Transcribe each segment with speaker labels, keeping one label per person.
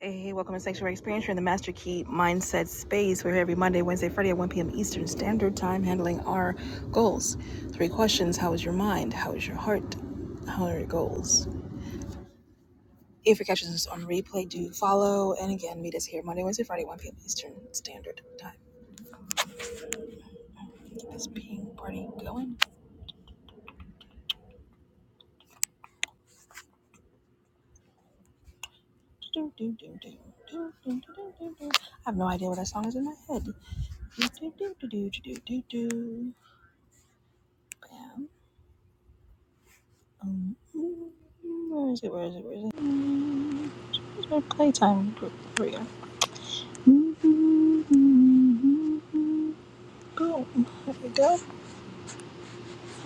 Speaker 1: Hey, hey, welcome to Sanctuary Experience. You're in the Master Key Mindset Space. We're here every Monday, Wednesday, Friday at 1 p.m. Eastern Standard Time, handling our goals. Three questions How is your mind? How is your heart? How are your goals? If you're catching this on replay, do follow. And again, meet us here Monday, Wednesday, Friday, at 1 p.m. Eastern Standard Time. Keep this ping party going. Do, do, do, do, do, do, do, do, do. I have no idea what that song is in my head. Do, do, do, do, do, do, do, do. Bam. Um, where is it? Where is it? Where is it? Where's my playtime group? Here we go. Go. There we go.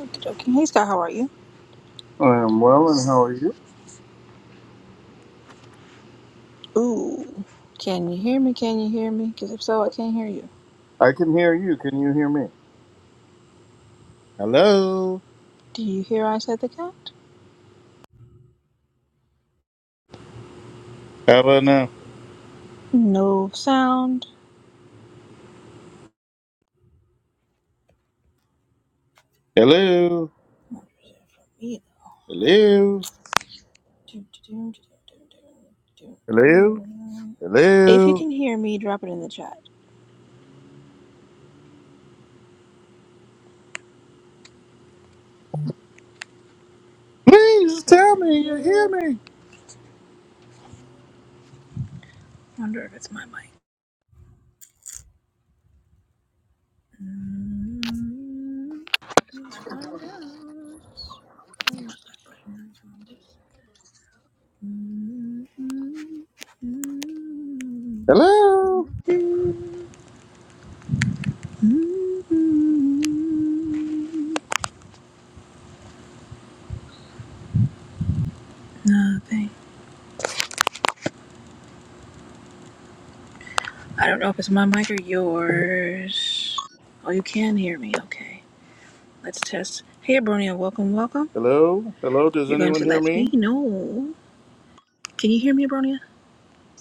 Speaker 1: Okay, okay. Hey, Scott, how are you?
Speaker 2: I am well, and how are you?
Speaker 1: Ooh. Can you hear me? Can you hear me? Because if so, I can't hear you.
Speaker 2: I can hear you. Can you hear me? Hello.
Speaker 1: Do you hear I said the cat?
Speaker 2: How about now?
Speaker 1: No sound.
Speaker 2: Hello.
Speaker 1: Not really for me,
Speaker 2: Hello.
Speaker 1: though. Doo, doo, doo, doo, doo, doo, doo,
Speaker 2: Hello?
Speaker 1: doo. If you
Speaker 2: Hello.
Speaker 1: can hear me, drop it in the chat.
Speaker 2: Please
Speaker 1: Hear
Speaker 2: tell me you hear
Speaker 1: you.
Speaker 2: me.
Speaker 1: Wonder if it's my mic. Mm, Let's find out. Oh, not that button. That's the wrong button. Mm, mm, mm,
Speaker 2: Hello.
Speaker 1: mm, mm. Nothing. I don't know if it's my mic or yours. Oh, you can hear me. Okay. Let's test. Hey, Abronia. Welcome, welcome.
Speaker 2: Hello? Hello? Does
Speaker 1: You're going
Speaker 2: anyone
Speaker 1: to
Speaker 2: hear
Speaker 1: let me
Speaker 2: me?
Speaker 1: know. Can you hear me, Abronia?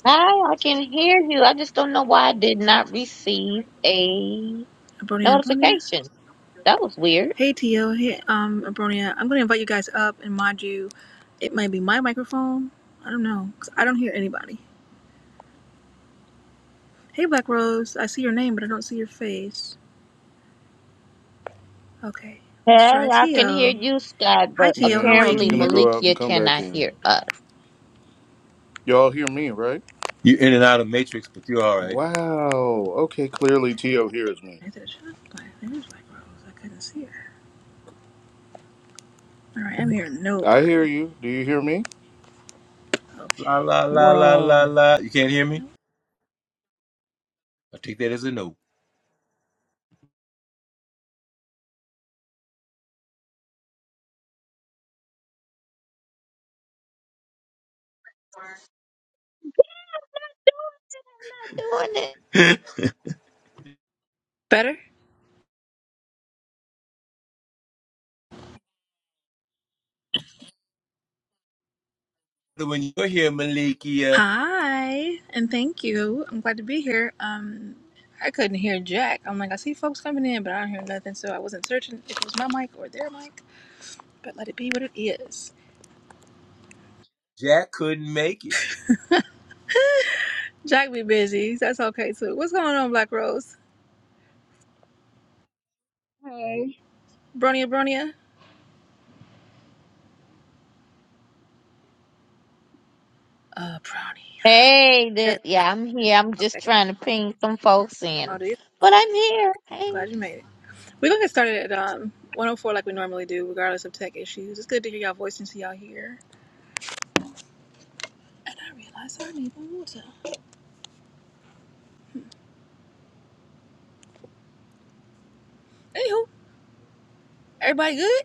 Speaker 3: Hi, I can hear you. I just don't know why I did not receive a
Speaker 1: Abronia, Abronia?
Speaker 3: notification. That was weird.
Speaker 1: Hey Tio, hey um Abronia. I'm gonna invite you guys up and mod you. It might be my microphone. I don't know, 'cause I don't hear anybody. Hey Black Rose, I see your name but I don't see your face. Okay,
Speaker 3: Hey,
Speaker 1: let's try
Speaker 3: I can hear
Speaker 1: Tio.
Speaker 3: you, Scott,
Speaker 1: Hi
Speaker 3: but
Speaker 1: Tio,
Speaker 2: Yeah,
Speaker 1: how are you?
Speaker 2: she's
Speaker 1: Can
Speaker 3: apparently
Speaker 1: you
Speaker 2: gonna
Speaker 1: hear me?
Speaker 2: go out and
Speaker 3: Malikia
Speaker 2: come back
Speaker 3: cannot
Speaker 2: in.
Speaker 3: hear us.
Speaker 2: Y'all hear me, right?
Speaker 4: You in and out of matrix, but you're all right.
Speaker 2: Wow. Okay, clearly Tio hears me.
Speaker 1: Okay. There's Black Rose. I couldn't see her. All right, I'm hearing
Speaker 2: I hear
Speaker 1: nobody.
Speaker 2: you. Do you hear me?
Speaker 4: La
Speaker 1: Okay,
Speaker 4: la
Speaker 1: how would
Speaker 4: la
Speaker 1: I go?
Speaker 4: la la
Speaker 2: Wow.
Speaker 4: la. You can't hear me? I take that as a no.
Speaker 3: Not doing it.
Speaker 1: Better?
Speaker 4: But When you're here, Malikia,
Speaker 1: Hi, and thank you. I'm glad to be here. Um, I couldn't hear Jack. I'm like, I see folks coming in, but I don't hear nothing, so I wasn't certain if it was my mic or their mic. But let it be what it is.
Speaker 4: Jack couldn't make it.
Speaker 1: Jack be busy. That's okay too. What's going on, Black Rose?
Speaker 5: Hey,
Speaker 1: Bronia, Bronia. Uh, Bronia.
Speaker 3: Hey,
Speaker 1: Yeah,
Speaker 3: th-
Speaker 1: yeah.
Speaker 3: yeah, I'm here. I'm just
Speaker 1: Okay.
Speaker 3: trying to ping some folks in,
Speaker 1: I'll do it.
Speaker 3: but I'm here. Hey,
Speaker 1: Glad you made it. We're gonna get started at um 104 like we normally do, regardless of tech issues. It's good to hear y'all voice and see y'all here. And I realize I need my water. Anywho, everybody good?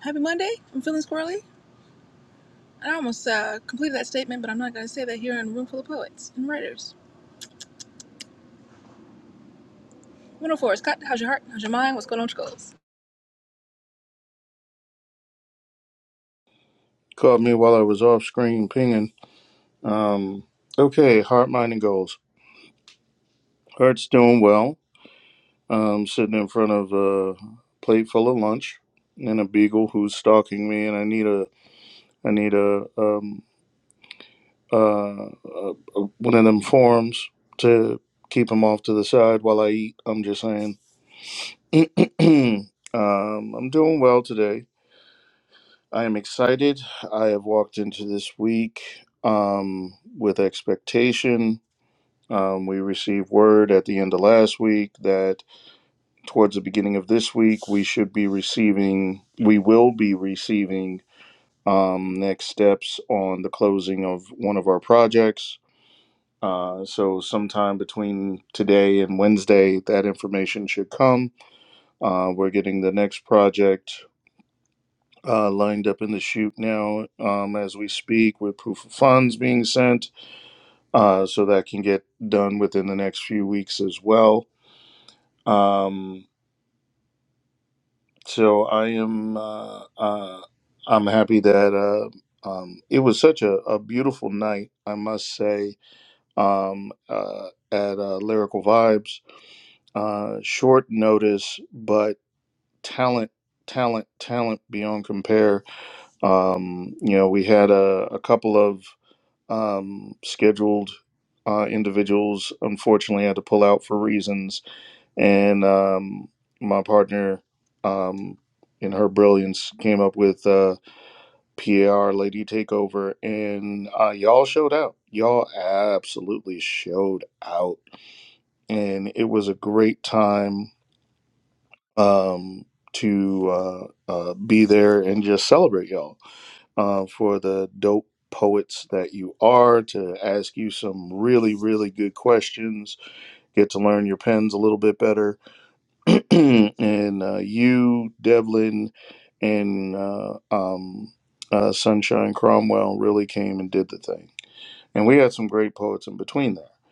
Speaker 1: Happy Monday. I'm feeling squirrely. I almost uh, completed that statement, but I'm not going to say that here in a room full of poets and writers. 104, Scott, how's your heart? How's your mind? What's going on with your goals?
Speaker 2: Caught me while I was off screen pinging. Um, okay, heart, mind, and goals. Art's doing well. Um, sitting in front of a plate full of lunch and a beagle who's stalking me, and I need a I need a um uh, uh one of them forms to keep him off to the side while I eat. I'm just saying. um, I'm doing well today. I am excited. I have walked into this week um with expectation. Um, we received word at the end of last week that. towards the beginning of this week, we should be receiving, we will be receiving um, next steps on the closing of one of our projects. Uh, so, sometime between today and Wednesday, that information should come. Uh, we're getting the next project uh, lined up in the chute now um, as we speak, with proof of funds being sent. Uh, so, that can get done within the next few weeks as well. Um, So I am uh, uh, I'm happy that uh, um, it was such a, a beautiful night, I must say, um, uh, at uh, Lyrical Vibes. Uh, short notice, but talent, talent, talent beyond compare. Um, you know, we had a, a couple of um, scheduled uh, individuals, unfortunately, had to pull out for reasons and um, my partner um, in her brilliance came up with uh, PAR Lady Takeover, and uh, y'all showed out. Y'all absolutely showed out, and it was a great time um, to uh, uh, be there and just celebrate y'all uh, for the dope poets that you are to ask you some really really good questions get to learn your pens a little bit better and uh, you, Devlin, and uh, um, uh, Sunshine Cromwell really came and did the thing. And we had some great poets in between that.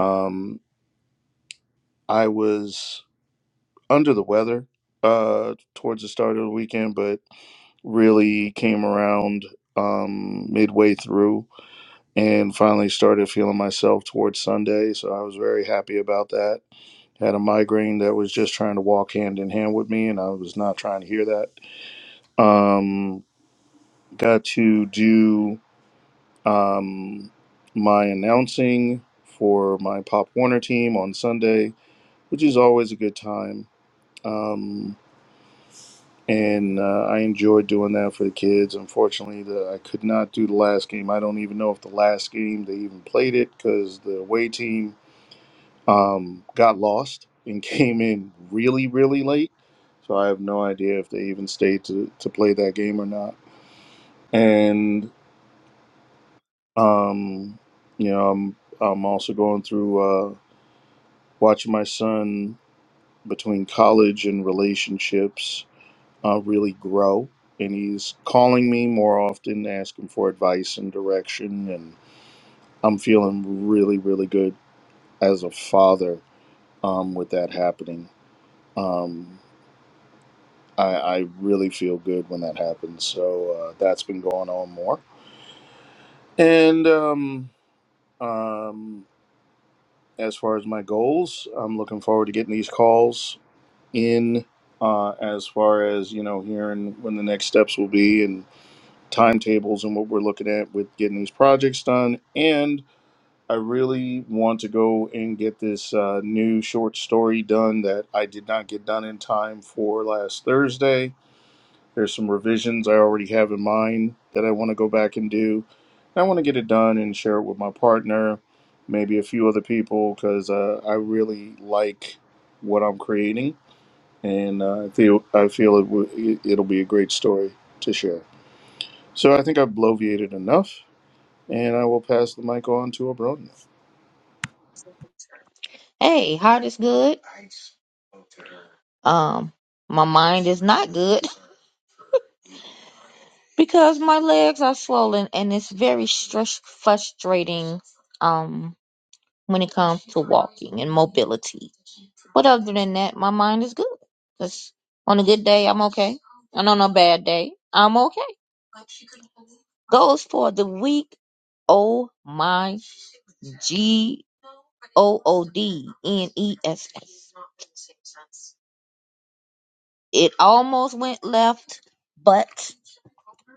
Speaker 2: Um, I was under the weather uh, towards the start of the weekend, but really came around um, midway through and finally started feeling myself towards Sunday. So I was very happy about that. Had a migraine that was just trying to walk hand in hand with me, and I was not trying to hear that Um, got to do um, my announcing for my Pop Warner team on Sunday, which is always a good time. Um, and uh, I enjoyed doing that for the kids. Unfortunately, the, I could not do the last game. I don't even know if the last game they even played it because the away team um, got lost and came in really, really late. So I have no idea if they even stayed to, to play that game or not. And Um, you know, I'm I'm also going through uh, watching my son between college and relationships uh, really grow, and he's calling me more often, asking for advice and direction, and I'm feeling really, really good as a father um, with that happening. Um, I, I really feel good when that happens, so uh, that's been going on more, and um, um, As far as my goals, I'm looking forward to getting these calls in. Uh, as far as you know, hearing when the next steps will be and timetables and what we're looking at with getting these projects done. And I really want to go and get this uh, new short story done that I did not get done in time for last Thursday. There's some revisions I already have in mind that I want to go back and do. I want to get it done and share it with my partner, maybe a few other people, because uh, I really like what I'm creating, and uh, I feel I feel it w- it- will be a great story to share. So I think I've bloviated enough, and I will pass the mic on to Abronia.
Speaker 3: hey, heart is good. Um, my mind is not good because my legs are swollen and it's very stress frustrating. Um. when it comes to walking and mobility. But other than that, my mind is good. 'Cause on a good day, I'm okay. And on a bad day, I'm okay. Goes for the week. Oh my G O O D N E S S. It almost went left, but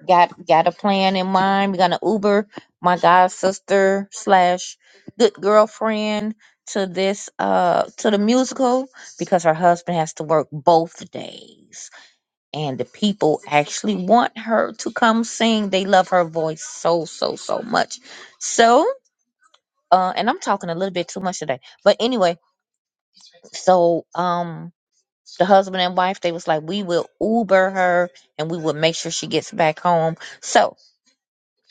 Speaker 3: got got a plan in mind. We're gonna Uber my god sister slash good girlfriend to this uh to the musical because her husband has to work both days. And the people actually want her to come sing. They love her voice so so so much. So uh and I'm talking a little bit too much today. But anyway, so um the husband and wife they was like we will Uber her and we will make sure she gets back home. So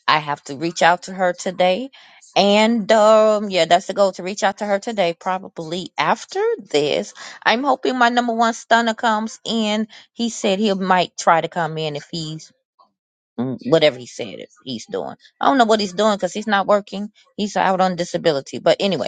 Speaker 3: I have to reach out to her today. And um, yeah, that's the goal to reach out to her today. Probably after this, I'm hoping my number one stunner comes in. He said he might try to come in if he's mm, whatever he said if he's doing. I don't know what he's doing because he's not working. He's out on disability. But anyway,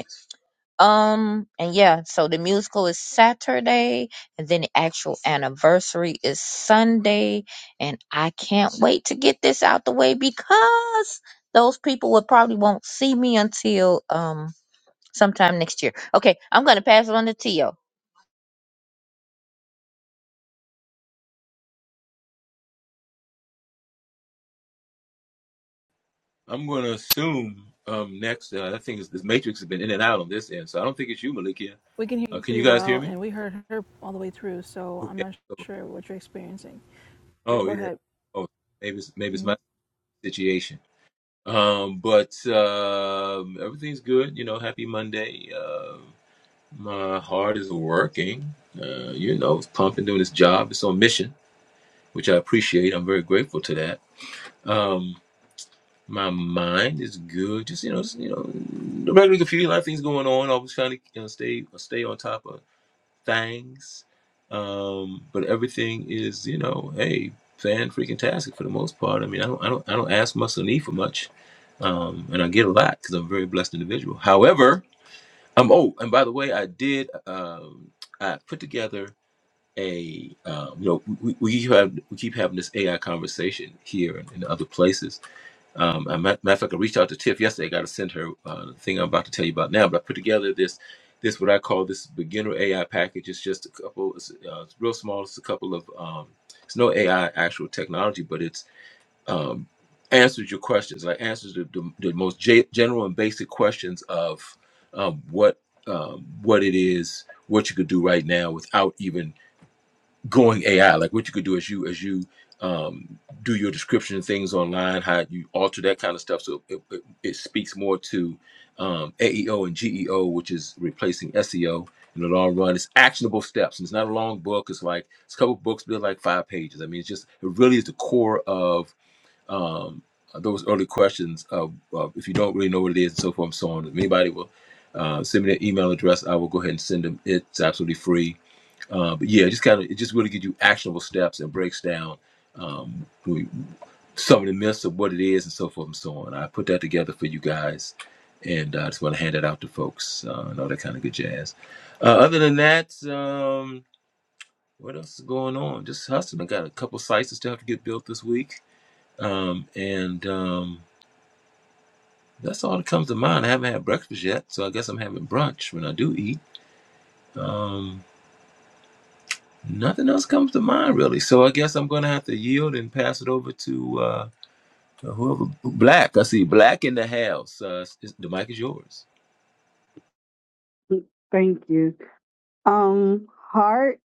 Speaker 3: um, and yeah, so the musical is Saturday, and then the actual anniversary is Sunday. And I can't wait to get this out the way because those people will probably won't see me until um sometime next year. Okay, I'm gonna pass it on to Tio.
Speaker 4: I'm going to assume um next. Uh, I think it's, this matrix has been in and out on this end, so I don't think it's you, Malikia.
Speaker 1: We can hear
Speaker 4: Uh,
Speaker 1: you
Speaker 4: can
Speaker 1: pretty
Speaker 4: you guys
Speaker 1: well,
Speaker 4: hear me?
Speaker 1: and we heard her all the way through, so I'm
Speaker 4: Okay.
Speaker 1: not
Speaker 4: So,
Speaker 1: sure what you're experiencing. But
Speaker 4: oh
Speaker 1: go
Speaker 4: yeah.
Speaker 1: ahead.
Speaker 4: Oh, maybe it's, maybe it's my
Speaker 1: Mhm.
Speaker 4: situation. Um, but um, everything's good. You know, happy Monday. Uh, my heart is working. Uh, you know, it's pumping, doing its job. It's on mission. which I appreciate. I'm very grateful to that. Um, my mind is good. Just you know, just, you know, regularly confused. A lot of things going on. Always trying to you know, stay stay on top of things. Um, but everything is you know, hey, fan freaking tastic for the most part. I mean, I don't I don't I don't ask much or need for much, um, and I get a lot because I'm a very blessed individual. However, I'm oh, and by the way, I did. Um, I put together a um, you know we, we keep have we keep having this AI conversation here and in other places. Um, I, matter of fact, I reached out to Tiff yesterday. I got to send her uh, the thing I'm about to tell you about now. But I put together this this what I call this beginner AI package. It's just a couple. It's, uh, it's real small. It's a couple of um, it's no AI actual technology, but it's um, answers your questions. Like answers the, the, the most ge- general and basic questions of um, what um, what it is, what you could do right now without even going AI, like what you could do as you as you um, do your description of things online, how you alter that kind of stuff. So it, it, it speaks more to um, AEO and GEO, which is replacing SEO in the long run. It's actionable steps, and it's not a long book. It's like it's a couple books, but they're like five pages. I mean, it's just it really is the core of um, those early questions of, of if you don't really know what it is and so forth and so on. If anybody will uh, send me their email address, I will go ahead and send them. It's absolutely free uh, but yeah, just kind of it just really gives you actionable steps and breaks down um, we- some of the myths of what it is and so forth and so on. I put that together for you guys, and uh, I just want to hand it out to folks uh, and all that kind of good jazz. Uh, other than that, um, what else is going on? Just hustling. I got a couple sites that still have to get built this week, um, and um, that's all that comes to mind. I haven't had breakfast yet, so I guess I'm having brunch when I do eat. Um, Nothing else comes to mind really. So I guess I'm gonna have to yield and pass it over to uh, whoever. Black, I see Black in the house. Uh, is- the mic is yours.
Speaker 5: Thank you. Um, Heart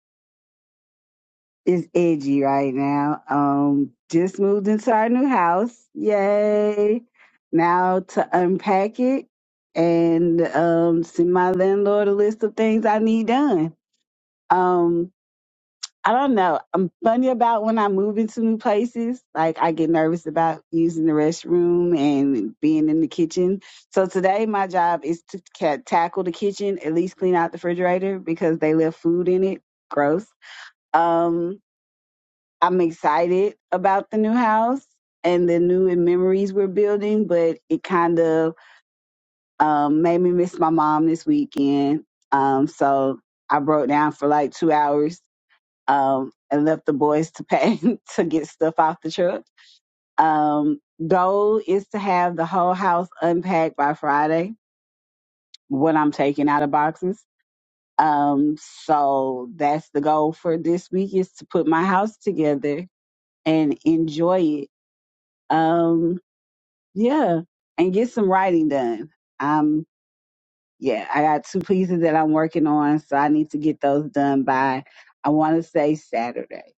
Speaker 5: is edgy right now. Um, just moved into our new house. Yay. Now to unpack it and um send my landlord a list of things I need done. Um, I don't know. I'm funny about when I move into new places. Like I get nervous about using the restroom and being in the kitchen. So today my job is to ca- tackle the kitchen, at least clean out the refrigerator because they left food in it. Gross. Um, I'm excited about the new house and the new memories we're building, but it kind of um, made me miss my mom this weekend. Um, so I broke down for like two hours um, and left the boys to pay to get stuff off the truck. Um, goal is to have the whole house unpacked by Friday when I'm taking out of boxes. Um, so that's the goal for this week is to put my house together and enjoy it. Um, yeah, and get some writing done. Um, yeah, I got two pieces that I'm working on, so I need to get those done by I want to say Saturday,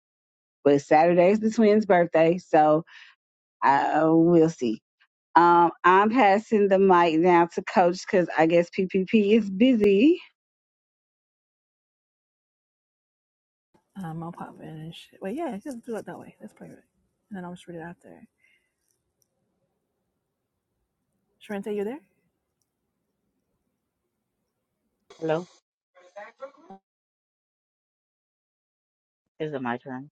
Speaker 5: but Saturday's the twins' birthday, so Uh, we'll see. Um, I'm passing the mic now to Coach because I guess PPP is busy.
Speaker 1: Um, I'll pop in and shit. Wait, yeah, just do it that way. That's probably right. And then I'll just read it out there. Sharente, you there?
Speaker 6: Hello? Is it my turn?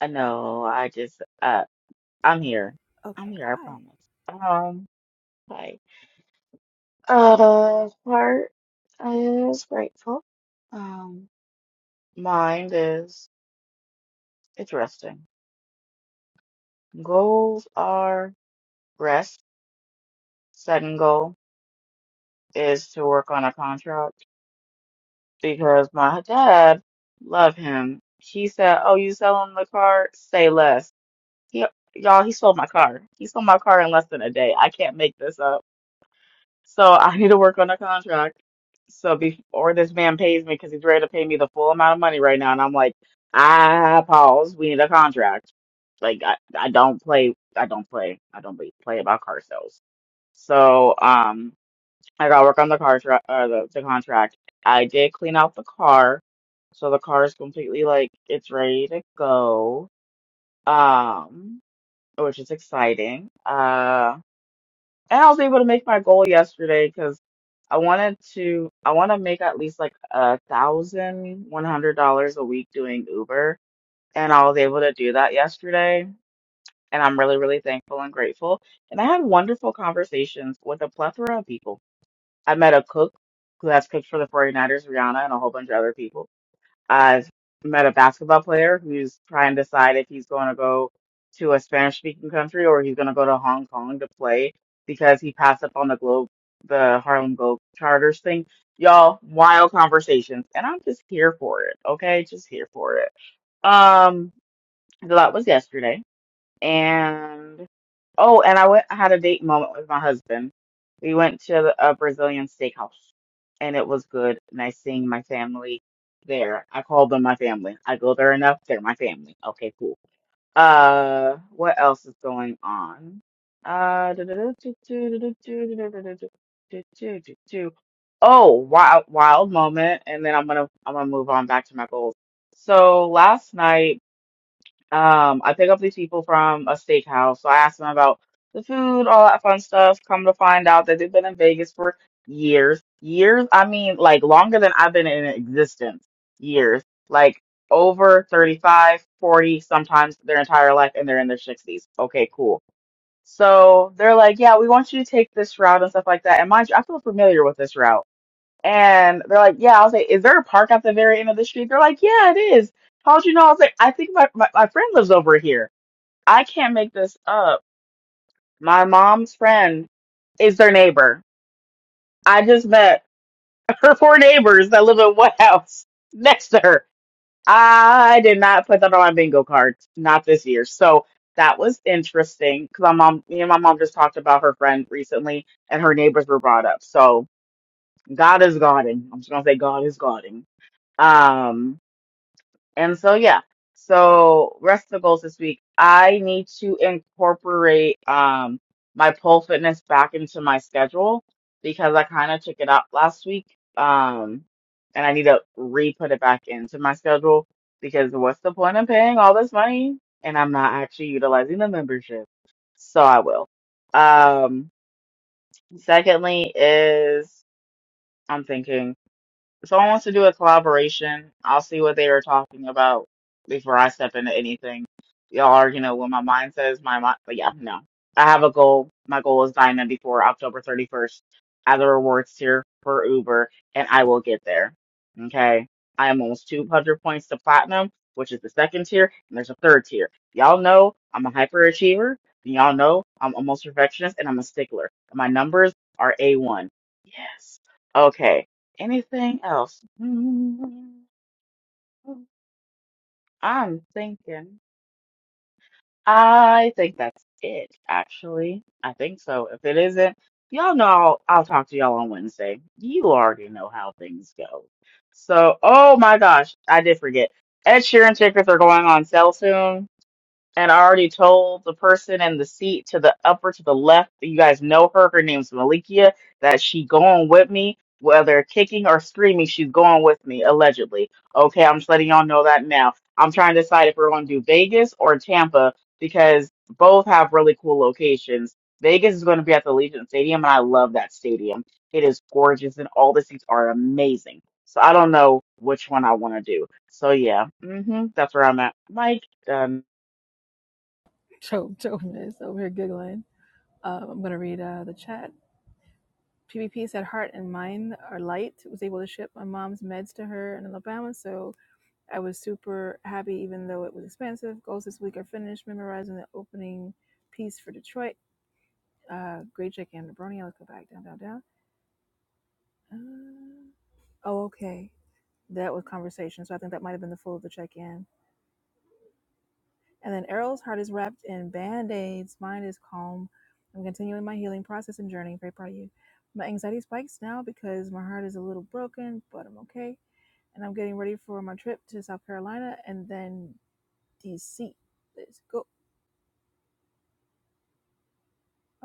Speaker 6: Uh, no, I just uh I'm here. I'm
Speaker 1: Okay,
Speaker 6: here, I
Speaker 1: hi.
Speaker 6: promise. Um hi. Uh heart is grateful. Um mind is it's resting. Goals are rest. Second goal is to work on a contract because my dad love him. He said, Oh, you selling the car? Say less. He, y'all, he sold my car. He sold my car in less than a day. I can't make this up So I need to work on a contract. So before this man pays me, because he's ready to pay me the full amount of money right now, and I'm like, ah, pause. We need a contract. Like I, I don't play. I don't play. I don't be- play about car sales. So um, I got to work on the car tra- uh, the, the contract. I did clean out the car, so the car is completely like it's ready to go. Um, which is exciting. Um and I was able to make my goal yesterday because I wanted to I want to make at least like a thousand one hundred dollars a week doing Uber, and I was able to do that yesterday, and I'm really really thankful and grateful. And I had wonderful conversations with a plethora of people. I met a cook who has cooked for the 49ers, Rihanna, and a whole bunch of other people. I met a basketball player who's trying to decide if he's going to go to a Spanish speaking country or he's going to go to Hong Kong to play because he passed up on the globe, the Harlem Globe Charters thing. Y'all, wild conversations. And I'm just here for it. Okay. Just here for it. Um, that was yesterday. And oh, and I went. I had a date moment with my husband. We went to a Brazilian steakhouse, and it was good. Nice seeing my family there. I call them my family. I go there enough. They're my family. Okay, cool. Uh, what else is going on? Uh, oh, wild, wild moment, and then I'm gonna I'm gonna move on back to my goals. So last night. Um, I pick up these people from a steakhouse. So I ask them about the food, all that fun stuff. Come to find out that they've been in Vegas for years. Years, I mean, like longer than I've been in existence. Years. Like over 35, 40. sometimes their entire life, and they're in their 60s. Okay, cool. So they're like, yeah, we want you to take this route and stuff like that. And mind you, I feel familiar with this route and they're like, yeah, I was like, is there a park at the very end of the street? They're like, yeah, it is. How'd you know? I was like, I think my, my, my friend lives over here. I can't make this up. My mom's friend is their neighbor. I just met her four neighbors that live in one house next to her. I did not put that on my bingo card, not this year. So that was interesting because my mom, me and my mom just talked about her friend recently and her neighbors were brought up. So God is guarding. I'm just going to say God is guarding. Um, And so yeah. So rest of the goals this week. I need to incorporate um my pole fitness back into my schedule because I kind of took it out last week. Um and I need to re-put it back into my schedule because what's the point of paying all this money and I'm not actually utilizing the membership. So I will. Um secondly is I'm thinking if someone wants to do a collaboration, I'll see what they are talking about before I step into anything. Y'all are, you know, when my mind says my mind, but yeah, no. I have a goal. My goal is diamond before October 31st at the rewards tier for Uber, and I will get there. Okay. I am almost 200 points to platinum, which is the second tier, and there's a third tier. Y'all know I'm a hyperachiever. and Y'all know I'm almost perfectionist, and I'm a stickler. And my numbers are A1. Yes. Okay. Anything else? Mm, I'm thinking. I think that's it, actually. I think so. If it isn't, y'all know I'll, I'll talk to y'all on Wednesday. You already know how things go. So, oh my gosh, I did forget. Ed Sheeran tickets are going on sale soon. And I already told the person in the seat to the upper to the left, you guys know her. Her name's Malikia, that she going with me, whether kicking or screaming, she's going with me, allegedly. Okay, I'm just letting y'all know that now. I'm trying to decide if we're going to do Vegas or Tampa because both have really cool locations. Vegas is going to be at the Legion Stadium, and I love that stadium. It is gorgeous, and all the seats are amazing. So I don't know which one I want to do. So yeah, hmm that's where I'm at. Mike, done.
Speaker 1: Joe, Joe is over here giggling. Uh, I'm going to read uh, the chat. PvP said heart and mind are light. Was able to ship my mom's meds to her in Alabama, so I was super happy, even though it was expensive. Goals this week are finished memorizing the opening piece for Detroit. Uh, great check in, Brony. I'll go back down, down, down. Uh, oh, okay. That was conversation. So I think that might have been the full of the check in. And then Errol's heart is wrapped in band aids. Mind is calm. I'm continuing my healing process and journey. Very proud of you. My anxiety spikes now because my heart is a little broken, but I'm okay. And I'm getting ready for my trip to South Carolina and then DC. Let's go.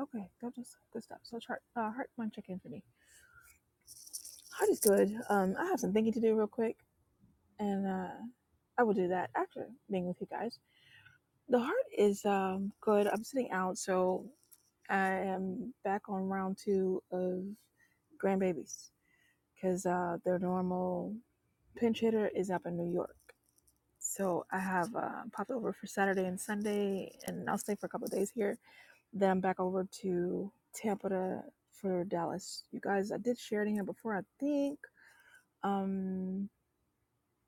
Speaker 1: Okay, that was good stuff. So, chart, uh, heart one check in for me. Heart is good. Um, I have some thinking to do real quick, and uh, I will do that after being with you guys. The heart is um good. I'm sitting out, so I am back on round two of grandbabies because uh, their normal pinch hitter is up in New York. So I have uh, popped over for Saturday and Sunday, and I'll stay for a couple of days here. Then I'm back over to Tampa to, for Dallas. You guys, I did Sheridan here before, I think. Um,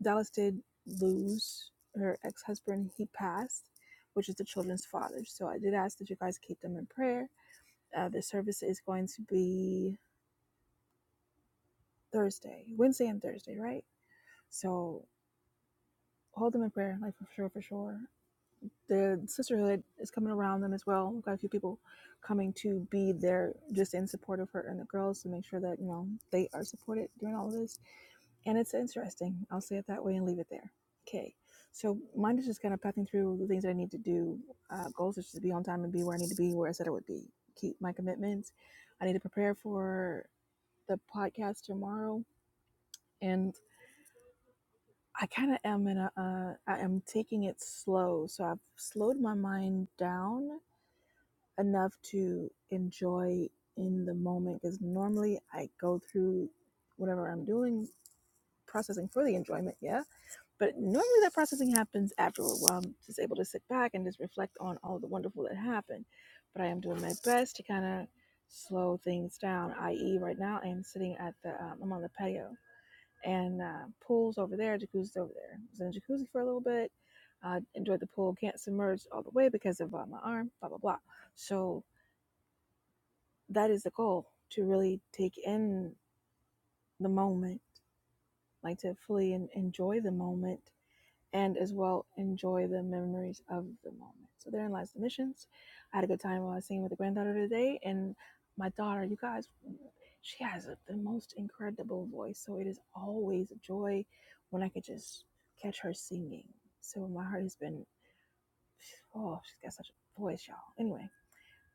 Speaker 1: Dallas did lose her ex husband. He passed, which is the children's father. So I did ask that you guys keep them in prayer. Uh, the service is going to be Thursday, Wednesday, and Thursday, right? So hold them in prayer, like for sure, for sure. the sisterhood is coming around them as well. We've got a few people coming to be there just in support of her and the girls to make sure that, you know, they are supported during all of this. And it's interesting. I'll say it that way and leave it there. Okay. So mine is just kind of pathing through the things that I need to do. Uh, goals is just to be on time and be where I need to be, where I said I would be. Keep my commitments. I need to prepare for the podcast tomorrow. And I kind of am in a, uh, I am taking it slow. So I've slowed my mind down enough to enjoy in the moment because normally I go through whatever I'm doing processing for the enjoyment, yeah. But normally that processing happens afterward where I'm just able to sit back and just reflect on all the wonderful that happened. But I am doing my best to kind of slow things down, i.e., right now I am sitting at the, um, I'm on the patio and uh, pool's over there, jacuzzi's over there. I was in the jacuzzi for a little bit. Uh, enjoyed the pool, can't submerge all the way because of uh, my arm, blah, blah, blah. So that is the goal to really take in the moment, like to fully en- enjoy the moment and as well enjoy the memories of the moment. So therein lies the missions. I had a good time while I was singing with the granddaughter today, and my daughter, you guys, she has a, the most incredible voice. So it is always a joy when I could just catch her singing. So my heart has been, oh, she's got such a voice, y'all. Anyway,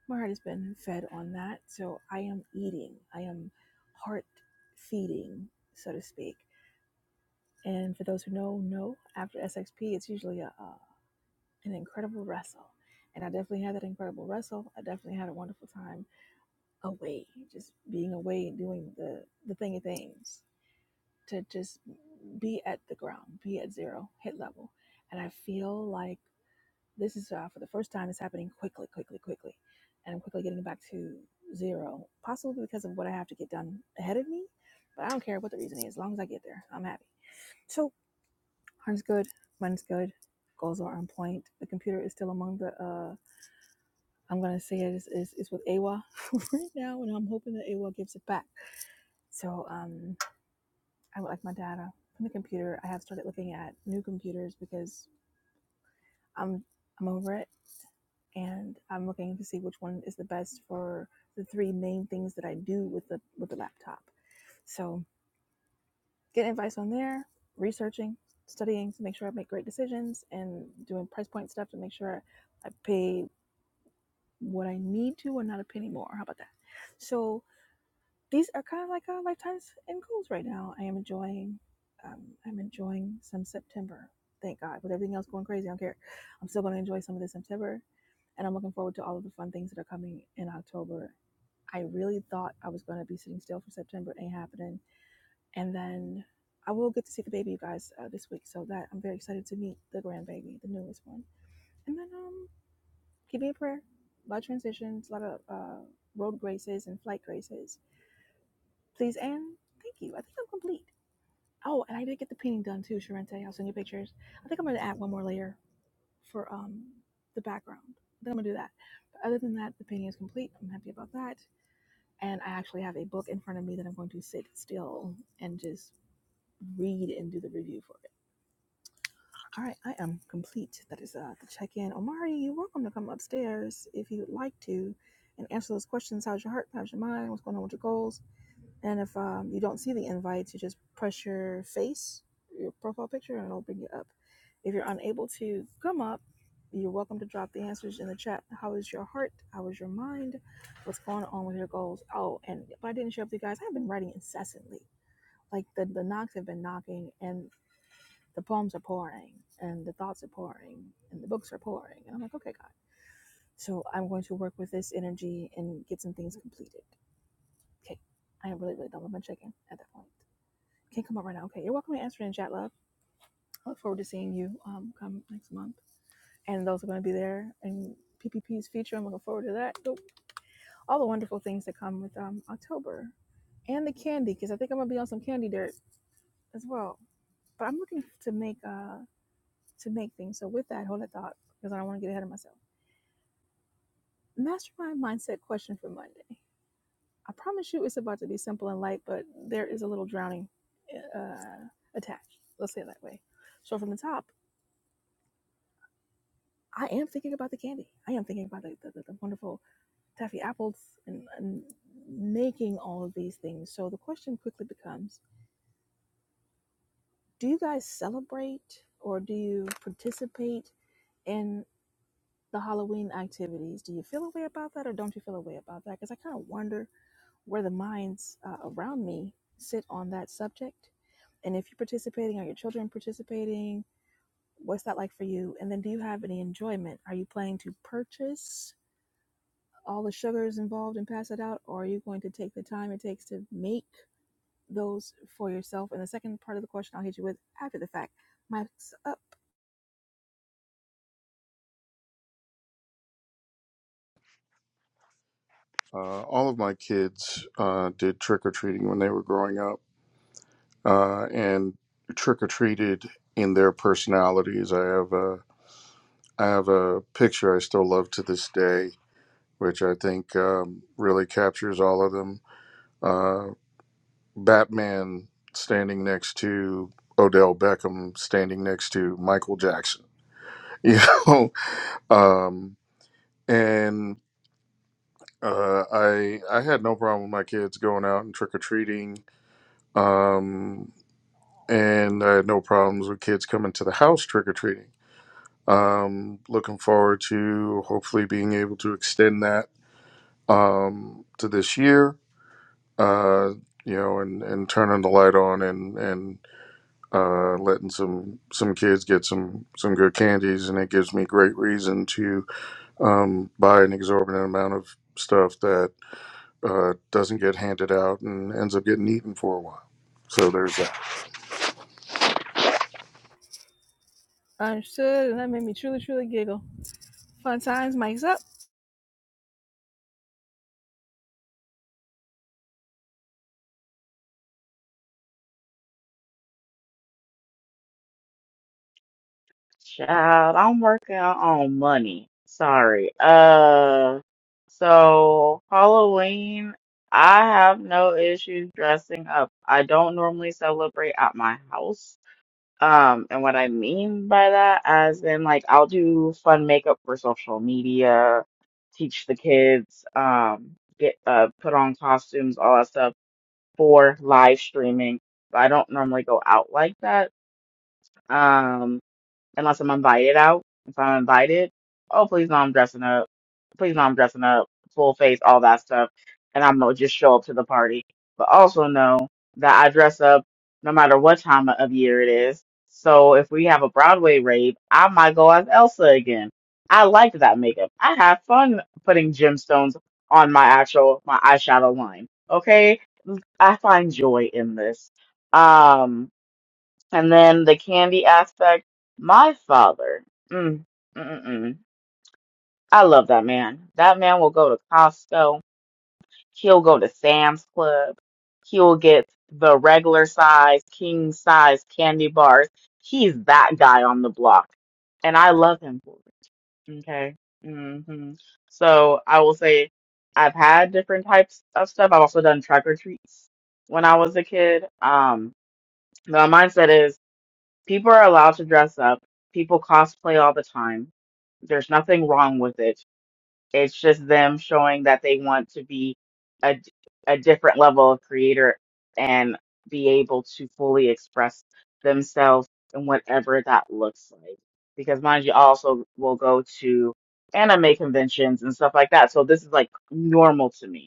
Speaker 1: my heart has been fed on that. So I am eating, I am heart feeding, so to speak. And for those who know, know after SXP, it's usually a, uh, an incredible wrestle. And I definitely had that incredible wrestle. I definitely had a wonderful time away, just being away and doing the, the thing of things to just be at the ground, be at zero, hit level. And I feel like This is uh, for the first time. It's happening quickly, quickly, quickly, and I'm quickly getting back to zero, possibly because of what I have to get done ahead of me. But I don't care what the reason is, as long as I get there, I'm happy. So heart's good, mind's good, goals are on point. The computer is still among the. Uh, I'm gonna say it is is, is with AWA right now, and I'm hoping that AWA gives it back. So um, I would like my data from the computer. I have started looking at new computers because I'm I'm over it and I'm looking to see which one is the best for the three main things that I do with the with the laptop. So getting advice on there, researching, studying to make sure I make great decisions, and doing price point stuff to make sure I pay what I need to and not a penny more. How about that? So these are kind of like our lifetimes and goals right now. I am enjoying. Um, I'm enjoying some September. Thank God. With everything else going crazy, I don't care. I'm still going to enjoy some of this September and I'm looking forward to all of the fun things that are coming in October. I really thought I was going to be sitting still for September, ain't happening. And then I will get to see the baby, you guys, uh, this week. So that I'm very excited to meet the grandbaby, the newest one. And then um, give me a prayer. A lot of transitions, a lot of uh, road graces and flight graces. Please and thank you. I think I'm complete. Oh, and I did get the painting done too, Sharente. I'll send you pictures. I think I'm going to add one more layer for um, the background. Then I'm gonna do that. But other than that, the painting is complete. I'm happy about that. And I actually have a book in front of me that I'm going to sit still and just read and do the review for it. All right, I am complete. That is uh, the check in. Omari, you're welcome to come upstairs if you'd like to and answer those questions. How's your heart? How's your mind? What's going on with your goals? And if um, you don't see the invites, you just press your face, your profile picture, and it'll bring you up. If you're unable to come up, you're welcome to drop the answers in the chat. How is your heart? How is your mind? What's going on with your goals? Oh, and if I didn't share with you guys, I've been writing incessantly. Like the, the knocks have been knocking, and the poems are pouring, and the thoughts are pouring, and the books are pouring. And I'm like, okay, God. So I'm going to work with this energy and get some things completed. Okay. I am really, really done with my chicken at that point. Can't come up right now. Okay, you're welcome to answer in chat, love. I look forward to seeing you um, come next month. And those are going to be there. And PPP's feature, I'm looking forward to that. So All the wonderful things that come with um, October and the candy, because I think I'm going to be on some candy dirt as well. But I'm looking to make uh, to make things. So with that, hold that thought, because I don't want to get ahead of myself. Mastermind mindset question for Monday. I promise you, it's about to be simple and light, but there is a little drowning uh, attached. Let's say it that way. So from the top. I am thinking about the candy. I am thinking about like, the, the, the wonderful taffy apples and, and making all of these things. So the question quickly becomes do you guys celebrate or do you participate in the Halloween activities? Do you feel a way about that or don't you feel a way about that? Because I kind of wonder where the minds uh, around me sit on that subject. And if you're participating, are your children participating? What's that like for you? And then do you have any enjoyment? Are you planning to purchase? all the sugars involved and pass it out, or are you going to take the time it takes to make those for yourself? And the second part of the question I'll hit you with after the fact. Mike's up.
Speaker 2: Uh, all of my kids uh, did trick or treating when they were growing up, uh, and trick or treated in their personalities. I have. a I have a picture I still love to this day, which I think um, really captures all of them. Uh, Batman standing next to Odell Beckham, standing next to Michael Jackson. You know, um, and uh, I I had no problem with my kids going out and trick or treating, um, and I had no problems with kids coming to the house trick or treating. Um, looking forward to hopefully being able to extend that um, to this year, uh, you know, and, and turning the light on and and uh, letting some some kids get some some good candies, and it gives me great reason to um, buy an exorbitant amount of stuff that uh, doesn't get handed out and ends up getting eaten for a while. So there's that.
Speaker 1: Understood, and that made me truly, truly giggle. Fun times, Mike's up.
Speaker 6: Child, I'm working on money. Sorry. Uh, so Halloween, I have no issues dressing up. I don't normally celebrate at my house. Um, and what I mean by that, as in like I'll do fun makeup for social media, teach the kids, um, get uh put on costumes, all that stuff for live streaming. But I don't normally go out like that. Um, unless I'm invited out. If I'm invited, oh please no, I'm dressing up. Please no, I'm dressing up, full face, all that stuff, and I'm gonna just show up to the party. But also know that I dress up no matter what time of year it is. So if we have a Broadway rave, I might go as Elsa again. I like that makeup. I have fun putting gemstones on my actual my eyeshadow line. Okay, I find joy in this. Um. And then the candy aspect, my father, mm, mm-mm-mm. I love that man. That man will go to Costco. He'll go to Sam's Club. He'll get the regular size, king size candy bars. He's that guy on the block. And I love him for it. Okay. hmm So I will say I've had different types of stuff. I've also done trick or treats when I was a kid. Um, my mindset is. People are allowed to dress up. People cosplay all the time. There's nothing wrong with it. It's just them showing that they want to be a, a different level of creator and be able to fully express themselves in whatever that looks like. Because mind you, I also will go to anime conventions and stuff like that. So this is like normal to me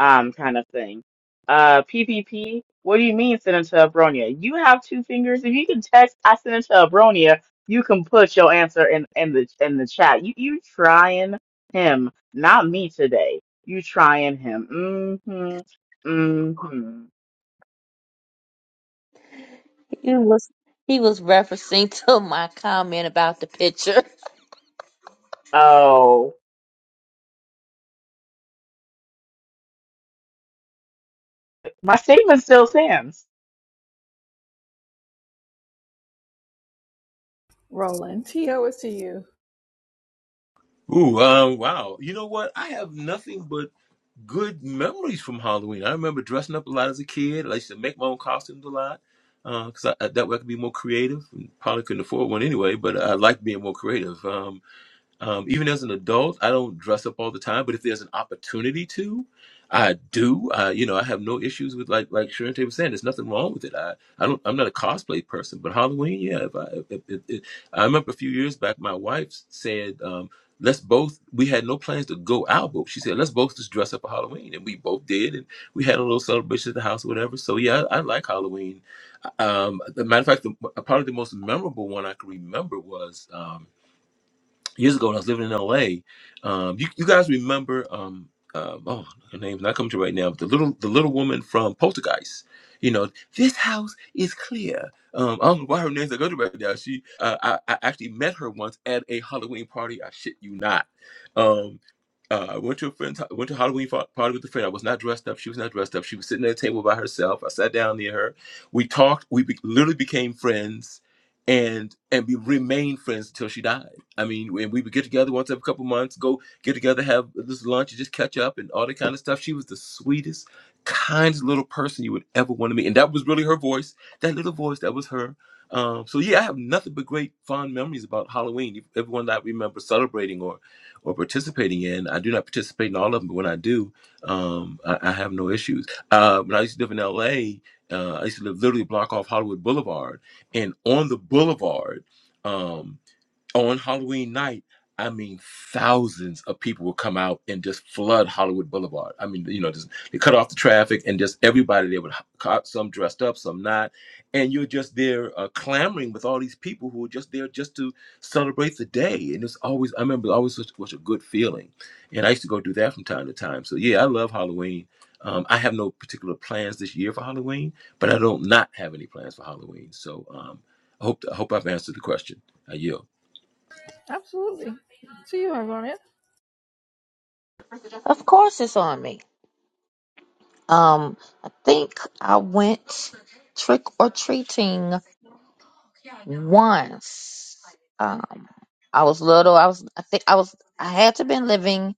Speaker 6: um, kind of thing. Uh, PPP, what do you mean, Senator Abronia? You have two fingers. If you can text, I Senator Abronia, you can put your answer in, in the in the chat. You you trying him, not me today. You trying him. Mm-hmm. Mm-hmm.
Speaker 3: He was he was referencing to my comment about the picture.
Speaker 6: Oh, my statement still stands.
Speaker 1: Rolling. T.O. is to you.
Speaker 4: Ooh, uh, wow. You know what? I have nothing but good memories from Halloween. I remember dressing up a lot as a kid. I used to make my own costumes a lot because I, I- that way I could be more creative. Probably couldn't afford one anyway, but I liked being more creative. Um, Um, even as an adult, I don't dress up all the time, but if there's an opportunity to, I do. I, you know, I have no issues with like like Sharente was saying. There's nothing wrong with it. I, I don't. I'm not a cosplay person, but Halloween, yeah. If I, if, if, if, I remember a few years back, my wife said, um, "Let's both." We had no plans to go out, but she said, "Let's both just dress up for Halloween," and we both did, and we had a little celebration at the house, or whatever. So yeah, I, I like Halloween. Um, as a matter of fact, the, probably the most memorable one I can remember was. Um, years ago when I was living in LA. Um, you, you guys remember? Um, um, oh, her name's not coming to right now. But the little the little woman from Poltergeist. You know, this house is clear. Um, I don't know why her name's not going to right now. She, uh, I, I actually met her once at a Halloween party. I shit you not. Um, uh, I went to a friend's, went to a Halloween fa- party with a friend. I was not dressed up. She was not dressed up. She was sitting at a table by herself. I sat down near her. We talked. We be, literally became friends, and and we remained friends until she died I mean, when we would get together once every couple months, go get together, have this lunch, and just catch up and all that kind of stuff. She was the sweetest, kindest little person you would ever want to meet. And that was really her voice, that little voice, that was her. Um, so yeah, I have nothing but great fond memories about Halloween. Everyone that I remember celebrating or, or participating in, I do not participate in all of them, but when I do, um, I, I have no issues. Uh, when I used to live in L.A., uh, I used to live literally a block off Hollywood Boulevard, and on the boulevard. um, on Halloween night, I mean, thousands of people will come out and just flood Hollywood Boulevard. I mean, you know, just they cut off the traffic and just everybody there would caught some dressed up, some not, and you're just there uh, clamoring with all these people who are just there just to celebrate the day. And it's always, I remember, always such, such a good feeling. And I used to go do that from time to time. So yeah, I love Halloween. Um, I have no particular plans this year for Halloween, but I don't not have any plans for Halloween. So um, I hope I hope I've answered the question. I yield.
Speaker 1: Absolutely. To you, Argonia.
Speaker 3: Of course it's on me. Um, I think I went trick or treating once um I was little, I was I think I was I had to been living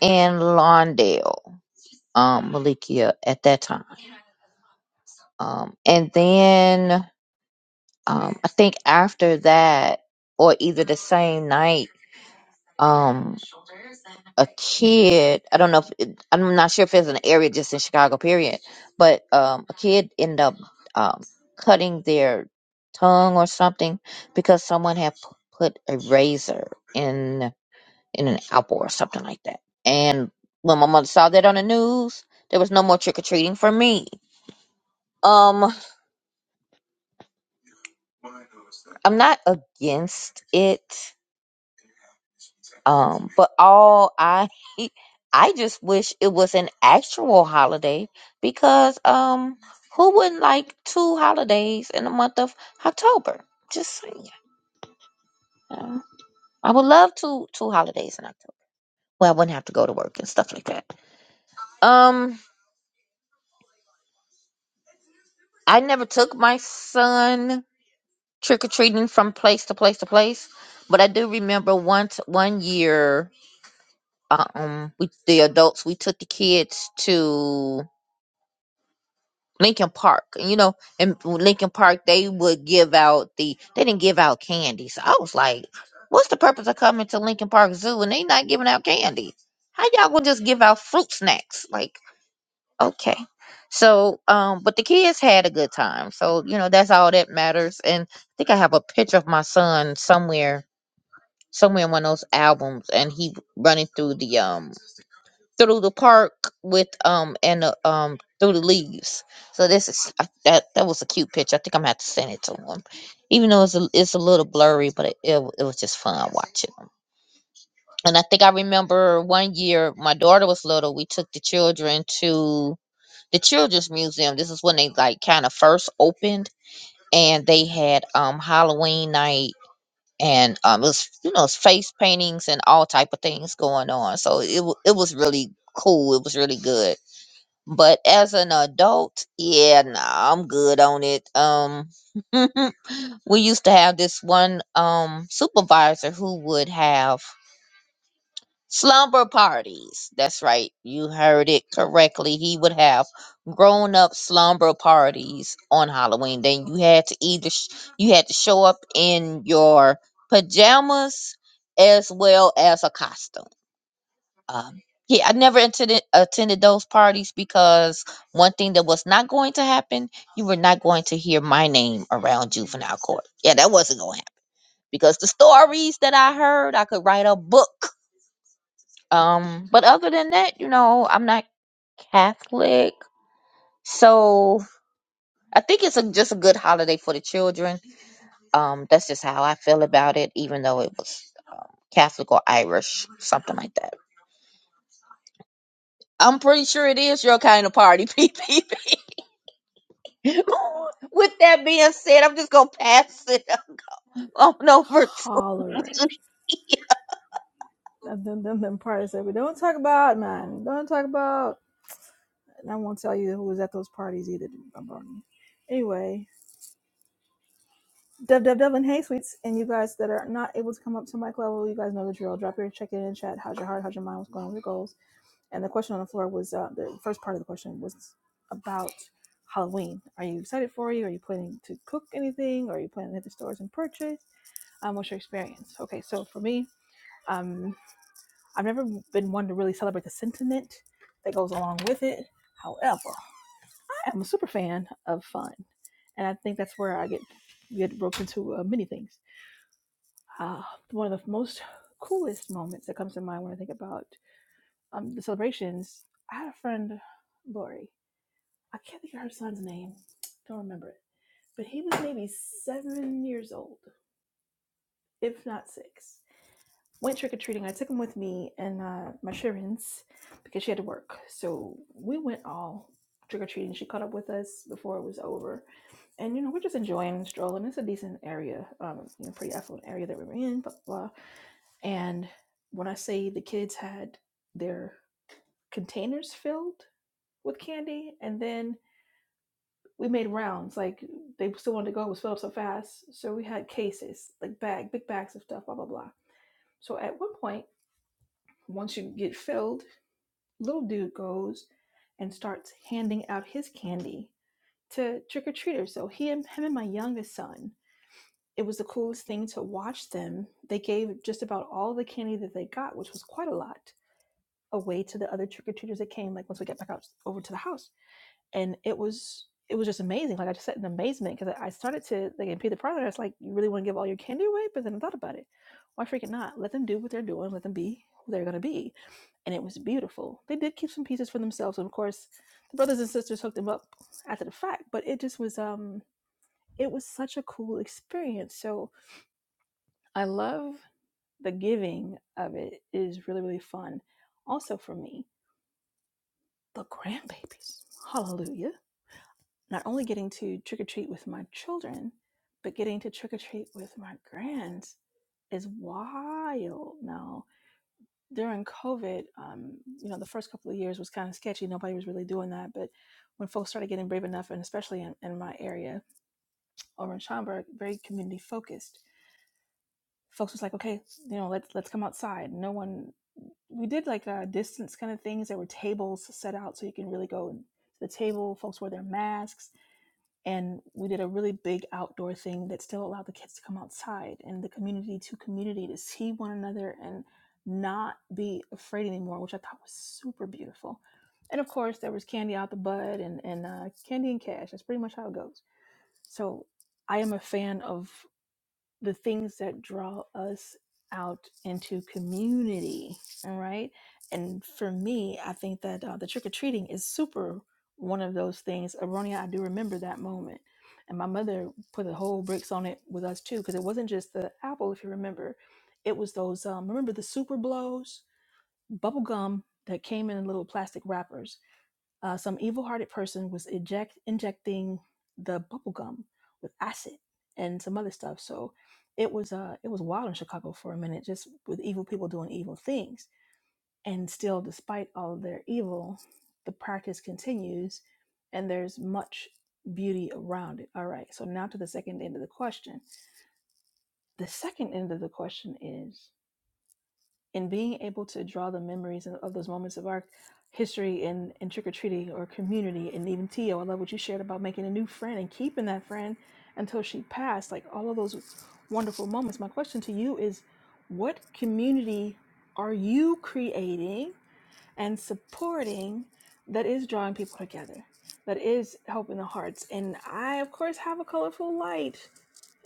Speaker 3: in Lawndale, um, Malikia at that time. Um and then um I think after that or either the same night, um a kid I don't know if it, I'm not sure if it's an area just in Chicago period, but um a kid ended up um cutting their tongue or something because someone had p- put a razor in. in an apple or something like that. And when my mother saw that on the news, there was no more trick or treating for me. Um, I'm not against it. Um, but all I I just wish it was an actual holiday because um who wouldn't like two holidays in the month of October? Just saying. you I would love two two holidays in October. Well, I wouldn't have to go to work and stuff like that. Um, I never took my son trick or treating from place to place to place. But I do remember once one year, um, we the adults we took the kids to Lincoln Park. And you know, in Lincoln Park they would give out the they didn't give out candy. So I was like, what's the purpose of coming to Lincoln Park Zoo and they not giving out candy? How y'all gonna just give out fruit snacks? Like, okay. So, um, but the kids had a good time. So, you know, that's all that matters. And I think I have a picture of my son somewhere somewhere in one of those albums and he running through the um through the park with um and the, um through the leaves so this is I, that that was a cute picture i think i'm gonna have to send it to him even though it's a, it's a little blurry but it, it, wa- it was just fun watching him and i think i remember one year my daughter was little we took the children to the children's museum this is when they like kind of first opened and they had um halloween night and um, it was you know it's face paintings and all type of things going on. So it wa- it was really cool. It was really good. But as an adult, yeah, nah, I'm good on it. Um, we used to have this one um supervisor who would have Slumber parties. That's right. You heard it correctly. He would have grown up slumber parties on Halloween. Then you had to either sh- you had to show up in your pajamas as well as a costume. Um, yeah, I never attended attended those parties because one thing that was not going to happen, you were not going to hear my name around juvenile court. Yeah, that wasn't going to happen because the stories that I heard, I could write a book um, but other than that, you know, I'm not Catholic, so I think it's a, just a good holiday for the children. Um, that's just how I feel about it, even though it was Catholic or Irish, something like that. I'm pretty sure it is your kind of party, P P P. With that being said, I'm just gonna pass it on over to.
Speaker 1: Hollering. That- Them, them, them parties that we don't talk about, man. Don't talk about. And I won't tell you who was at those parties either, Argonia. Anyway, Dev Dev Dev Hey Sweets, and you guys that are not able to come up to mic level, you guys know the drill. Drop your check in in chat. How's your heart? How's your mind? What's going on with your goals? And the question on the floor was uh, the first part of the question was about Halloween. Are you excited for you? Are you planning to cook anything? Or Are you planning to hit the stores and purchase? Um, what's your experience? Okay, so for me, um, I've never been one to really celebrate the sentiment that goes along with it. However, I'm a super fan of fun, and I think that's where I get get roped into uh, many things. uh, one of the most coolest moments that comes to mind when I think about um, the celebrations. I had a friend, Lori. I can't think of her son's name. Don't remember it. But he was maybe seven years old, if not six. Went trick or treating. I took him with me and uh, my Sharins because she had to work. So we went all trick or treating. She caught up with us before it was over. And, you know, we're just enjoying and strolling. It's a decent area, um, you know, pretty affluent area that we were in, blah, blah. blah. And when I say the kids had their containers filled with candy, and then we made rounds, like they still wanted to go, it was filled up so fast. So we had cases, like bag, big bags of stuff, blah, blah, blah. So at one point, once you get filled, little dude goes and starts handing out his candy to trick or treaters. So he and him and my youngest son, it was the coolest thing to watch them. They gave just about all the candy that they got, which was quite a lot away to the other trick or treaters that came. Like once we get back out over to the house, and it was it was just amazing. Like I just sat in amazement because I started to like in the Pryor. I was like, you really want to give all your candy away? But then I thought about it. Why freaking not? Let them do what they're doing. Let them be who they're gonna be. And it was beautiful. They did keep some pieces for themselves, and of course, the brothers and sisters hooked them up after the fact. But it just was um it was such a cool experience. So I love the giving of it It is really really fun. Also for me, The grandbabies. Hallelujah. Not only getting to trick or treat with my children, but getting to trick or treat with my grands is wild now. During COVID, um, you know, the first couple of years was kind of sketchy. Nobody was really doing that. But when folks started getting brave enough, and especially in, in my area over in Schaumburg, very community focused, folks was like, okay, you know, let's let's come outside. No one, we did like uh, distance kind of things. There were tables set out so you can really go to the table. Folks wore their masks and we did a really big outdoor thing that still allowed the kids to come outside and the community to community to see one another and not be afraid anymore which i thought was super beautiful and of course there was candy out the bud and, and uh, candy and cash that's pretty much how it goes so i am a fan of the things that draw us out into community all right and for me i think that uh, the trick-or-treating is super one of those things aronia i do remember that moment and my mother put the whole bricks on it with us too because it wasn't just the apple if you remember it was those um, remember the super blows bubble gum that came in little plastic wrappers uh, some evil-hearted person was eject injecting the bubble gum with acid and some other stuff. So it was uh, it was wild in Chicago for a minute, just with evil people doing evil things. And still, despite all of their evil, the practice continues, and there's much beauty around it. All right. So now to the second end of the question. The second end of the question is and being able to draw the memories and- of those moments of our history and, and trick-or-treating or community and even tio i love what you shared about making a new friend and keeping that friend until she passed like all of those wonderful moments my question to you is what community are you creating and supporting that is drawing people together that is helping the hearts and i of course have a colorful light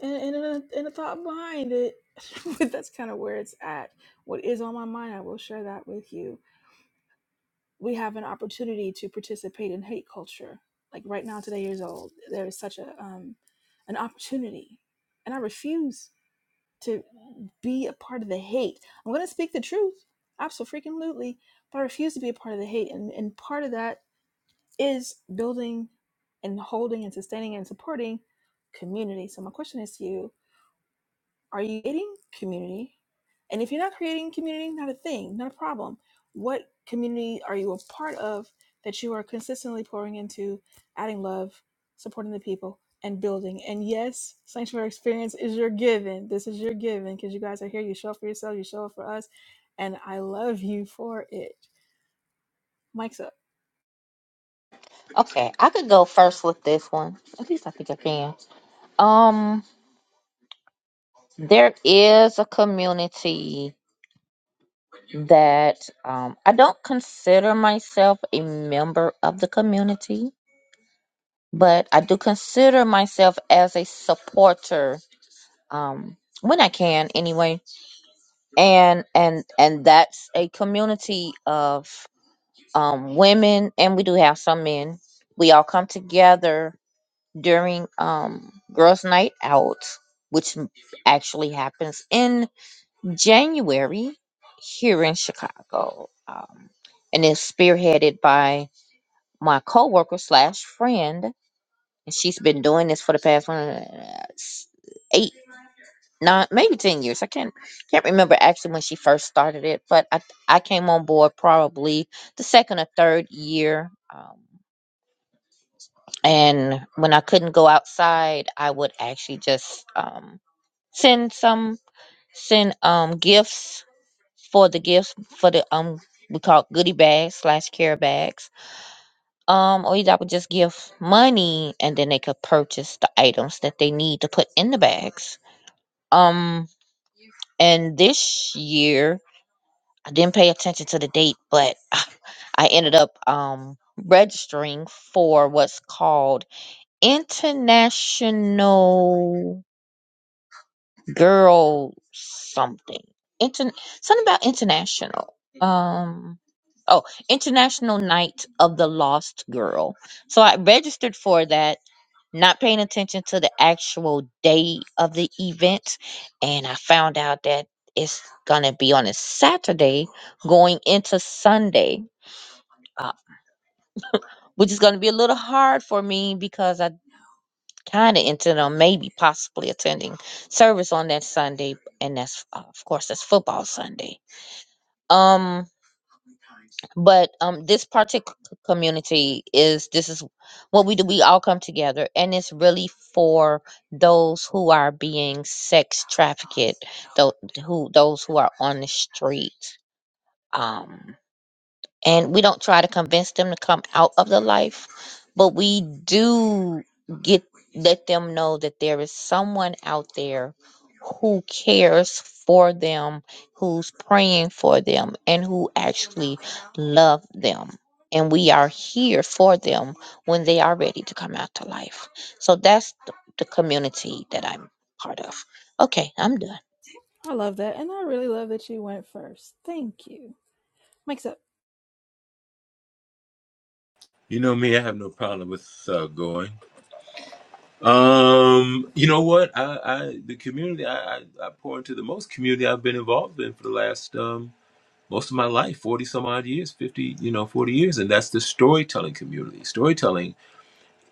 Speaker 1: and and and a, and a thought behind it. but that's kind of where it's at. What is on my mind, I will share that with you. We have an opportunity to participate in hate culture. Like right now, today years old, there is such a um, an opportunity, and I refuse to be a part of the hate. I'm going to speak the truth, absolutely, but I refuse to be a part of the hate. And and part of that is building, and holding, and sustaining, and supporting community. So my question is to you Are you creating community? And if you're not creating community, not a thing, not a problem. What community are you a part of that you are consistently pouring into, adding love, supporting the people, and building? And yes, Sanctuary Experience is your given. This is your given because you guys are here. You show up for yourself, you show up for us, and I love you for it. Mike's up.
Speaker 3: Okay, I could go first with this one. At least I think I can. Um, there is a community that um, I don't consider myself a member of the community, but I do consider myself as a supporter um, when I can, anyway. And and and that's a community of um, women, and we do have some men. We all come together during um, girls' night out, which actually happens in. January here in Chicago, um, and it's spearheaded by my coworker slash friend, and she's been doing this for the past one, uh, s- eight, nine, maybe ten years. I can't can't remember actually when she first started it, but I I came on board probably the second or third year. Um, and when I couldn't go outside, I would actually just um, send some send um gifts for the gifts for the um we call it goodie bags slash care bags. Um, or either I would just give money and then they could purchase the items that they need to put in the bags. Um, and this year I didn't pay attention to the date, but I ended up um registering for what's called international. girl something. Inter- something about international. Um oh, International Night of the Lost Girl. So I registered for that, not paying attention to the actual day of the event, and I found out that it's gonna be on a Saturday going into Sunday. Uh, which is going to be a little hard for me because I kind of intended on maybe possibly attending service on that Sunday, and that's uh, of course that's football Sunday. Um, but um, this particular community is this is what we do. We all come together, and it's really for those who are being sex trafficked, those who those who are on the street. Um, and we don't try to convince them to come out of the life but we do get let them know that there is someone out there who cares for them who's praying for them and who actually love them and we are here for them when they are ready to come out to life so that's th- the community that i'm part of okay i'm done
Speaker 1: I love that. And I really love that you went first. Thank you. Mike's up.
Speaker 4: You know me, I have no problem with uh, going. Um, you know what? I, I the community I, I, I pour into the most community I've been involved in for the last um most of my life, forty some odd years, fifty, you know, forty years, and that's the storytelling community. Storytelling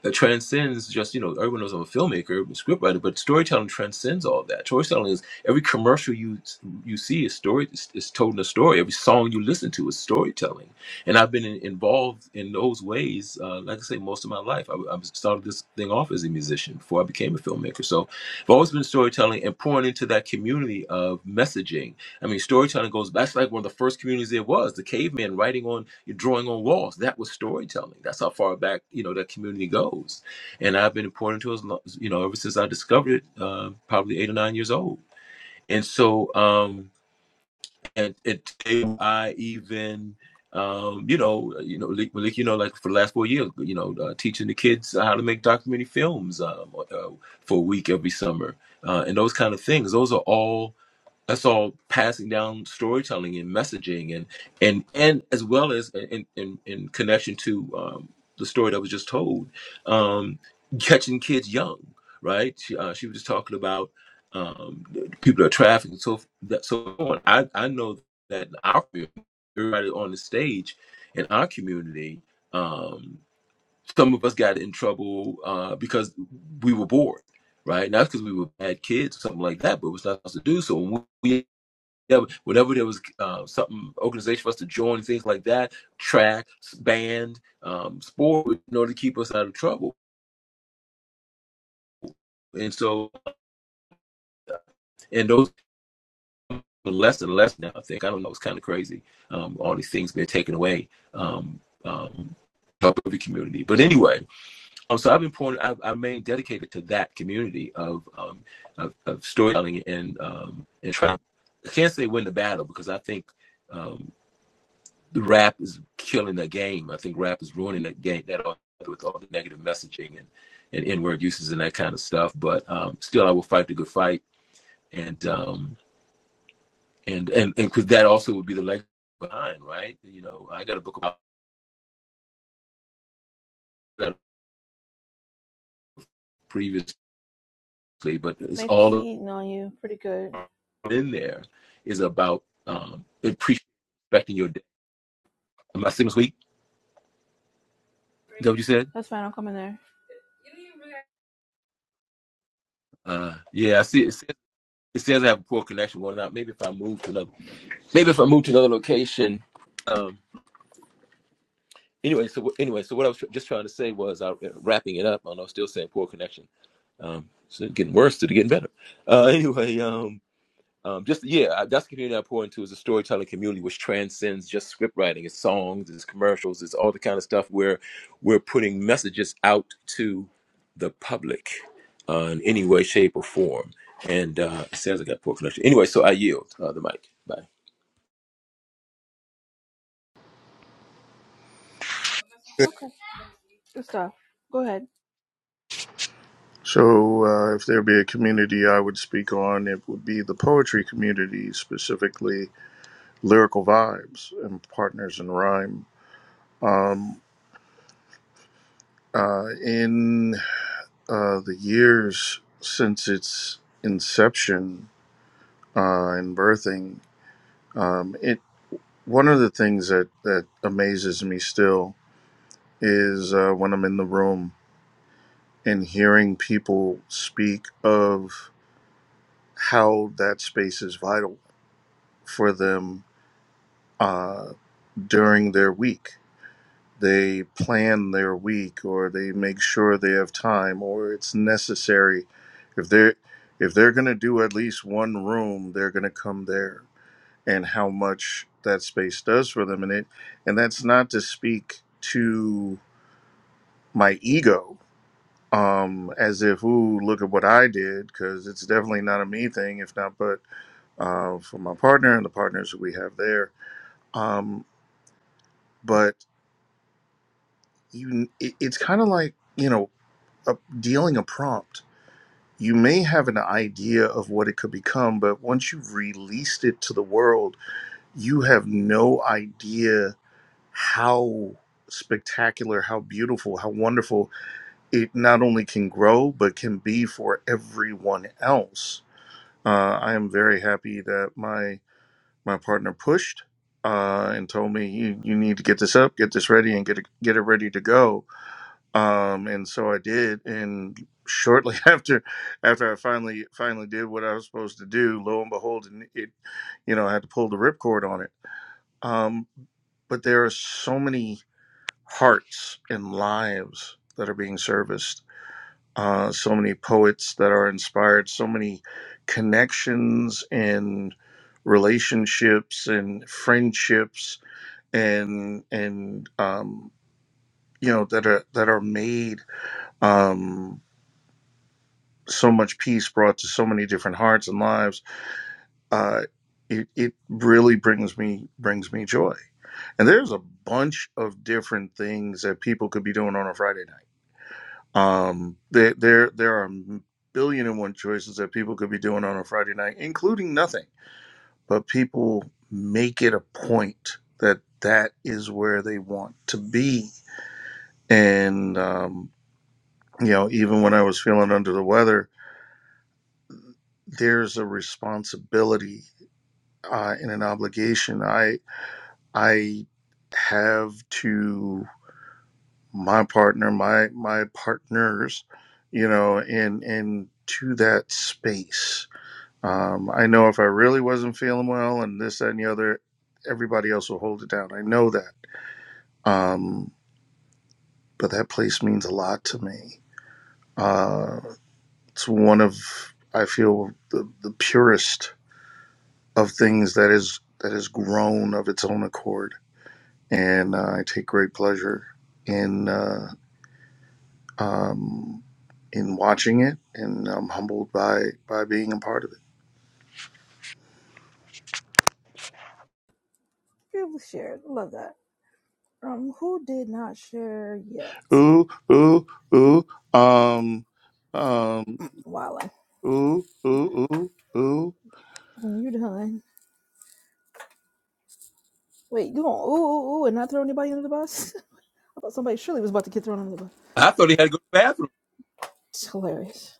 Speaker 4: that transcends just you know everyone knows I'm a filmmaker, I'm a scriptwriter, but storytelling transcends all that. Storytelling is every commercial you you see is story is, is told in a story. Every song you listen to is storytelling, and I've been in, involved in those ways. Uh, like I say, most of my life, I, I started this thing off as a musician before I became a filmmaker. So I've always been storytelling and pouring into that community of messaging I mean, storytelling goes. That's like one of the first communities there was. The cavemen writing on, drawing on walls. That was storytelling. That's how far back you know that community goes. And I've been important to us, you know, ever since I discovered it, uh, probably eight or nine years old. And so, um, and, and today I even, um, you know, you know, Malik, Malik, you know, like for the last four years, you know, uh, teaching the kids how to make documentary films um, uh, for a week every summer, uh, and those kind of things. Those are all that's all passing down storytelling and messaging and and and as well as in in, in connection to um, the story that was just told um, catching kids young right she, uh, she was just talking about um, people that are trafficked and so f- that so on I, I know that in our community, everybody on the stage in our community um, some of us got in trouble uh, because we were bored right not because we were bad kids or something like that but it was not supposed to do so when we yeah, whenever there was uh, something organization for us to join, things like that, track, band, um, sport, in order to keep us out of trouble. And so, and those are less and less now. I think I don't know. It's kind of crazy. Um, all these things being taken away. Um, um, help every community. But anyway, um, so I've been pouring. I've, I've remained dedicated to that community of um, of, of storytelling and um, and trying. I can't say win the battle because I think. um. the rap is killing the game. I think rap is ruining that game that all- with all the negative messaging and and n-word uses and that kind of stuff. But um, still, I will fight the good fight, and um, and and and because that also would be the legacy behind, right? You know, I got a book about that previously, but it's
Speaker 1: Matrix is
Speaker 4: all
Speaker 1: eating on you. Pretty good.
Speaker 4: in there is about um, respecting your. day. My signal's weak. Is that what you said?
Speaker 1: That's fine. I'll come in there.
Speaker 4: Uh, yeah, I see. It says, it says I have a poor connection. going out. maybe if I move to another, maybe if I move to another location. um, anyway, so anyway, so what I was tr- just trying to say was, I, uh, wrapping it up, and I'm still saying poor connection. Um, so getting worse to getting better. Uh, anyway, um, um, just yeah, I- that's the community I pour into is a storytelling community which transcends just script writing. It's songs, it's commercials, it's all the kind of stuff where we're putting messages out to the public uh, in any way, shape, or form. And uh, it says I got poor connection. Anyway, so I yield uh, the mic. Bye.
Speaker 1: Okay. Good stuff. Go ahead.
Speaker 2: So, uh, if there be a community I would speak on, it would be the poetry community, specifically Lyrical Vibes and Partners in Rhyme. Um, Uh, in uh, the years since its inception uh, and birthing, um, it one of the things that, that amazes me still is uh, when I'm in the room and hearing people speak of how that space is vital for them uh, during their week. they plan their week or they make sure they have time or it's necessary if they're if they're going to do at least one room they're going to come there and how much that space does for them and it and that's not to speak to my ego um as if ooh look at what i did because it's definitely not a me thing if not but uh, for my partner and the partners that we have there. Um, but you, it, it's kind of like you know a, dealing a prompt, you may have an idea of what it could become, but once you've released it to the world, you have no idea how spectacular, how beautiful, how wonderful it not only can grow, but can be for everyone else. Uh, I am very happy that my my partner pushed uh, and told me you, you need to get this up, get this ready, and get it, get it ready to go um, and so I did. And shortly after, after I finally finally did what I was supposed to do, lo and behold, and it you know I had to pull the ripcord on it. Um, but there are so many hearts and lives that are being serviced. Uh, so many poets that are inspired. So many connections and relationships and friendships and and um, you know that are that are made. Um, so much peace brought to so many different hearts and lives. Uh, it, it really brings me brings me joy. And there's a bunch of different things that people could be doing on a Friday night. Um, there there there are a billion and one choices that people could be doing on a Friday night, including nothing. But people make it a point that that is where they want to be. And um, you know, even when I was feeling under the weather, there's a responsibility uh, in an obligation. I I have to my partner, my my partners, you know, and and to that space. Um, I know if I really wasn't feeling well and this that, and the other, everybody else will hold it down. I know that, um, but that place means a lot to me. Uh, it's one of I feel the, the purest of things that is that has grown of its own accord and uh, I take great pleasure in uh, um, in watching it, and I'm humbled by by being a part of it.
Speaker 1: Beautiful shared. Love that. Um, who did not share yet?
Speaker 2: Ooh, ooh, ooh, um, um,
Speaker 1: Wildin'.
Speaker 2: ooh, ooh, ooh, ooh.
Speaker 1: When you're done, Wait, you going ooh ooh ooh and not throw anybody under the bus? I thought somebody surely was about to get thrown under the bus.
Speaker 4: I thought he had to go to the
Speaker 1: It's hilarious.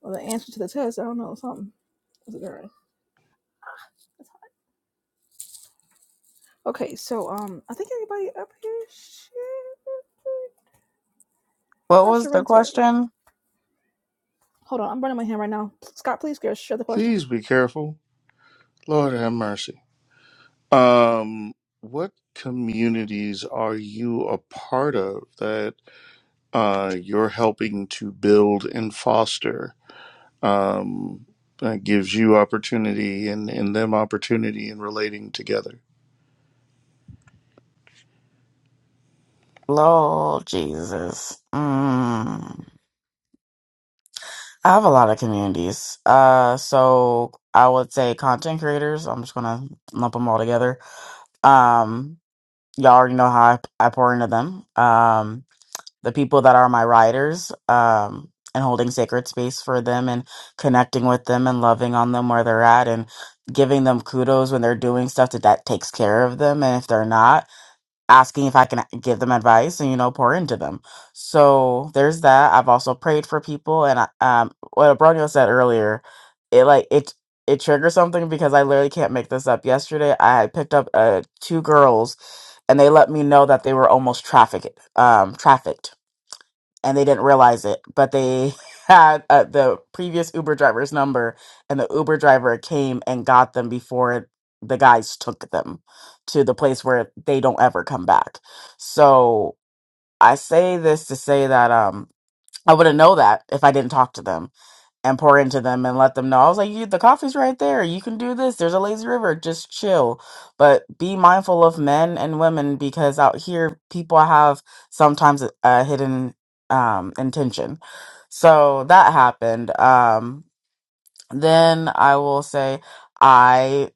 Speaker 1: Well, the answer to the test, I don't know something. Is it all right? Okay, so um, I think everybody up here. Shit, not Sharente. Hold on, I'm burning my hand right now. Scott, please go share the question.
Speaker 2: Please be careful. Lord have mercy. Um, what communities are you a part of that uh, you're helping to build and foster? um, that gives you opportunity and, and them opportunity in relating together.
Speaker 6: Lord Jesus. Mm. I have a lot of communities. Uh, so I would say content creators. I'm just gonna lump them all together. Um, y'all already know how I, I pour into them. Um, the people that are my riders, um, and holding sacred space for them and connecting with them and loving on them where they're at and giving them kudos when they're doing stuff that, that takes care of them. And if they're not, asking if I can give them advice and you know pour into them. So there's that. I've also prayed for people, and I, um, what Abronio said earlier, it like it it triggers something because I literally can't make this up. Yesterday, I had picked up uh two girls, and they let me know that they were almost trafficked. Um, trafficked and they didn't realize it, but they had uh, the previous Uber driver's number, and the Uber driver came and got them before the guys took them to the place where they don't ever come back. So I say this to say that um I wouldn't know that if I didn't talk to them and pour into them and let them know. I was like, you, the coffee's right there. You can do this. There's a lazy river. Just chill. But be mindful of men and women because out here, people have sometimes a, a hidden um, intention. So that happened. Um, then I will say, I.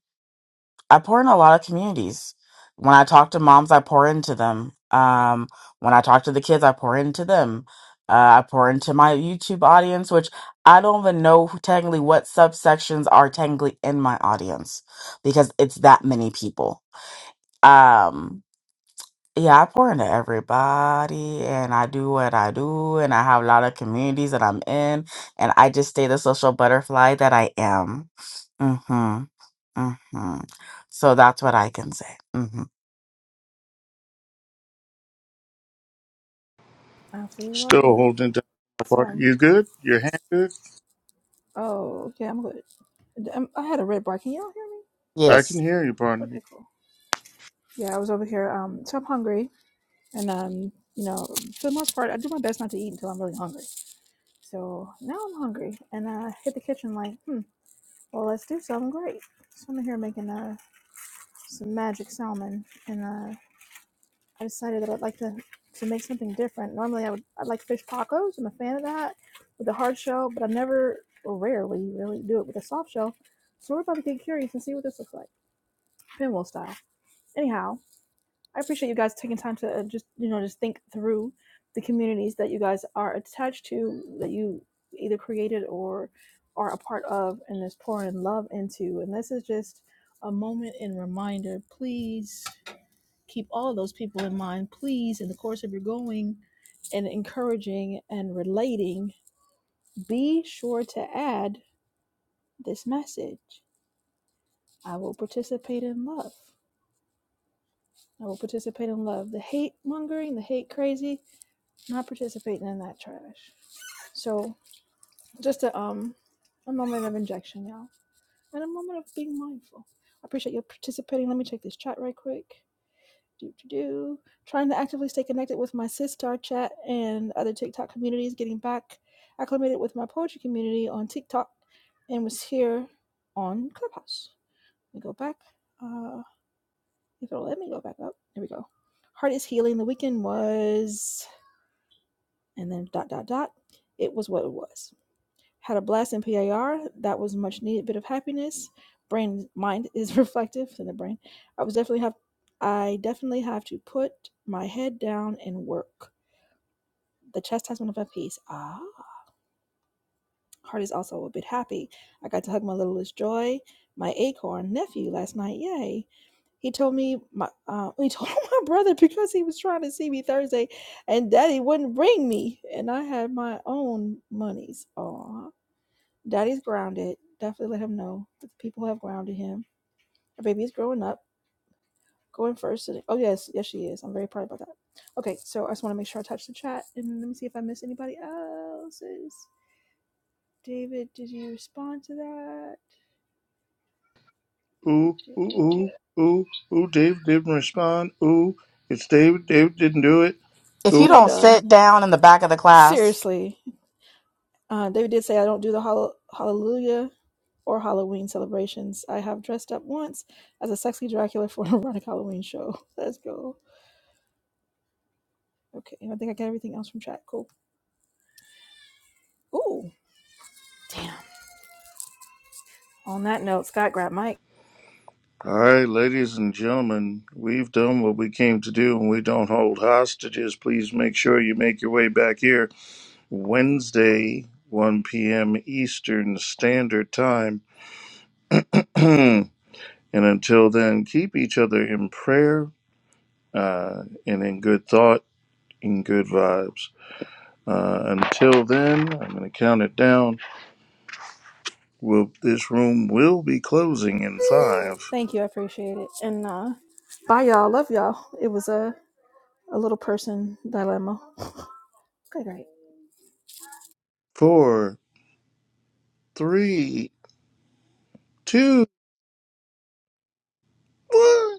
Speaker 6: I pour in a lot of communities. When I talk to moms, I pour into them. Um, when I talk to the kids, I pour into them. Uh, I pour into my YouTube audience, which I don't even know who, technically what subsections are technically in my audience because it's that many people. Um, yeah, I pour into everybody and I do what I do and I have a lot of communities that I'm in and I just stay the social butterfly that I am. Mm-hmm hmm So that's what I can say. hmm
Speaker 1: I absolutely love
Speaker 2: Still
Speaker 1: that.
Speaker 2: holding it down,
Speaker 1: It's
Speaker 2: partner.
Speaker 1: um.
Speaker 2: You good? Your hand good?
Speaker 1: Oh yeah, I'm good. Um, I had a red bar. Can y'all hear me?
Speaker 2: I can
Speaker 6: Yes.
Speaker 2: hear you, partner.
Speaker 1: Okay, cool. Yeah, I was over here. Um, so I'm hungry, and um, you know, for the most part, I do my best not to eat until I'm really hungry. So now I'm hungry, and I hit the kitchen like, hmm, well, let's do something great. So I'm here making uh, some magic salmon, and uh, I decided that I'd like to, to make something different. Normally, I would I like fish tacos. I'm a fan of that with the hard shell, but I never, or rarely, really do it with a soft shell. So we're about to get curious and see what this looks like, pinwheel style. Anyhow, I appreciate you guys taking time to uh, just you know just think through the communities that you guys are attached to that you either created or are a part of and is pouring love into. And this is just a moment in reminder. Please keep all of those people in mind. Please, in the course of your going and encouraging and relating, be sure to add this message. I will participate in love. I will participate in love. The hate mongering, the hate crazy, Not participating in that trash. So just a um a moment of injection, y'all. And a moment of being mindful. I appreciate you participating. Let me check this chat right quick. Do do do. Trying to actively stay connected with my Sistar chat and other TikTok communities, getting back acclimated with my poetry community on TikTok and was here on Clubhouse. Let me go back. Uh if it'll let me go back up. There we go. Heart is healing. The weekend was and then dot dot dot. It was what it was. Had a blast in PIR. That was a much needed bit of happiness. Brain mind is reflective in the brain. I was definitely have I definitely have to put my head down and work. The chastisement of my peace. Ah. Heart is also a bit happy. I got to hug my littlest joy, my acorn nephew last night. Yay. He told me my uh, he told my brother because he was trying to see me Thursday and daddy wouldn't bring me and I had my own monies. Aw. Daddy's grounded. Definitely let him know that the people have grounded him. Our baby's growing up, going first. and- oh, yes, yes, she is. I'm very proud about that. Okay, so I just want to make sure I touch the chat and let me see if I miss anybody else's. David, did you respond to that? Do,
Speaker 2: Ooh,
Speaker 1: do,
Speaker 2: ooh,
Speaker 1: do.
Speaker 2: ooh, ooh, ooh. Dave didn't respond. Ooh, it's David. David didn't do it.
Speaker 6: If
Speaker 2: Ooh.
Speaker 6: you
Speaker 1: When you're
Speaker 6: don't
Speaker 1: done,
Speaker 6: sit down in the back of the class
Speaker 1: seriously, uh, David did say I don't do the hall- hallelujah or Halloween celebrations. I have dressed up once as a sexy Dracula for an erotic Halloween show. Let's go. Okay, and I think I got everything else from chat. Cool. Ooh. Damn. On that note, Scott grabbed Mike.
Speaker 2: All right, ladies and gentlemen, we've done what we came to do, and we don't hold hostages. Please make sure you make your way back here Wednesday, 1 p.m. Eastern Standard Time. And until then, keep each other in prayer uh, and in good thought and good vibes. Uh, until then, I'm going to count it down. Will this room will be closing in five,
Speaker 1: Thank you. I appreciate it. And uh bye y'all. Love y'all. It was a, a little person dilemma. Okay, great.
Speaker 2: four, three, two, one.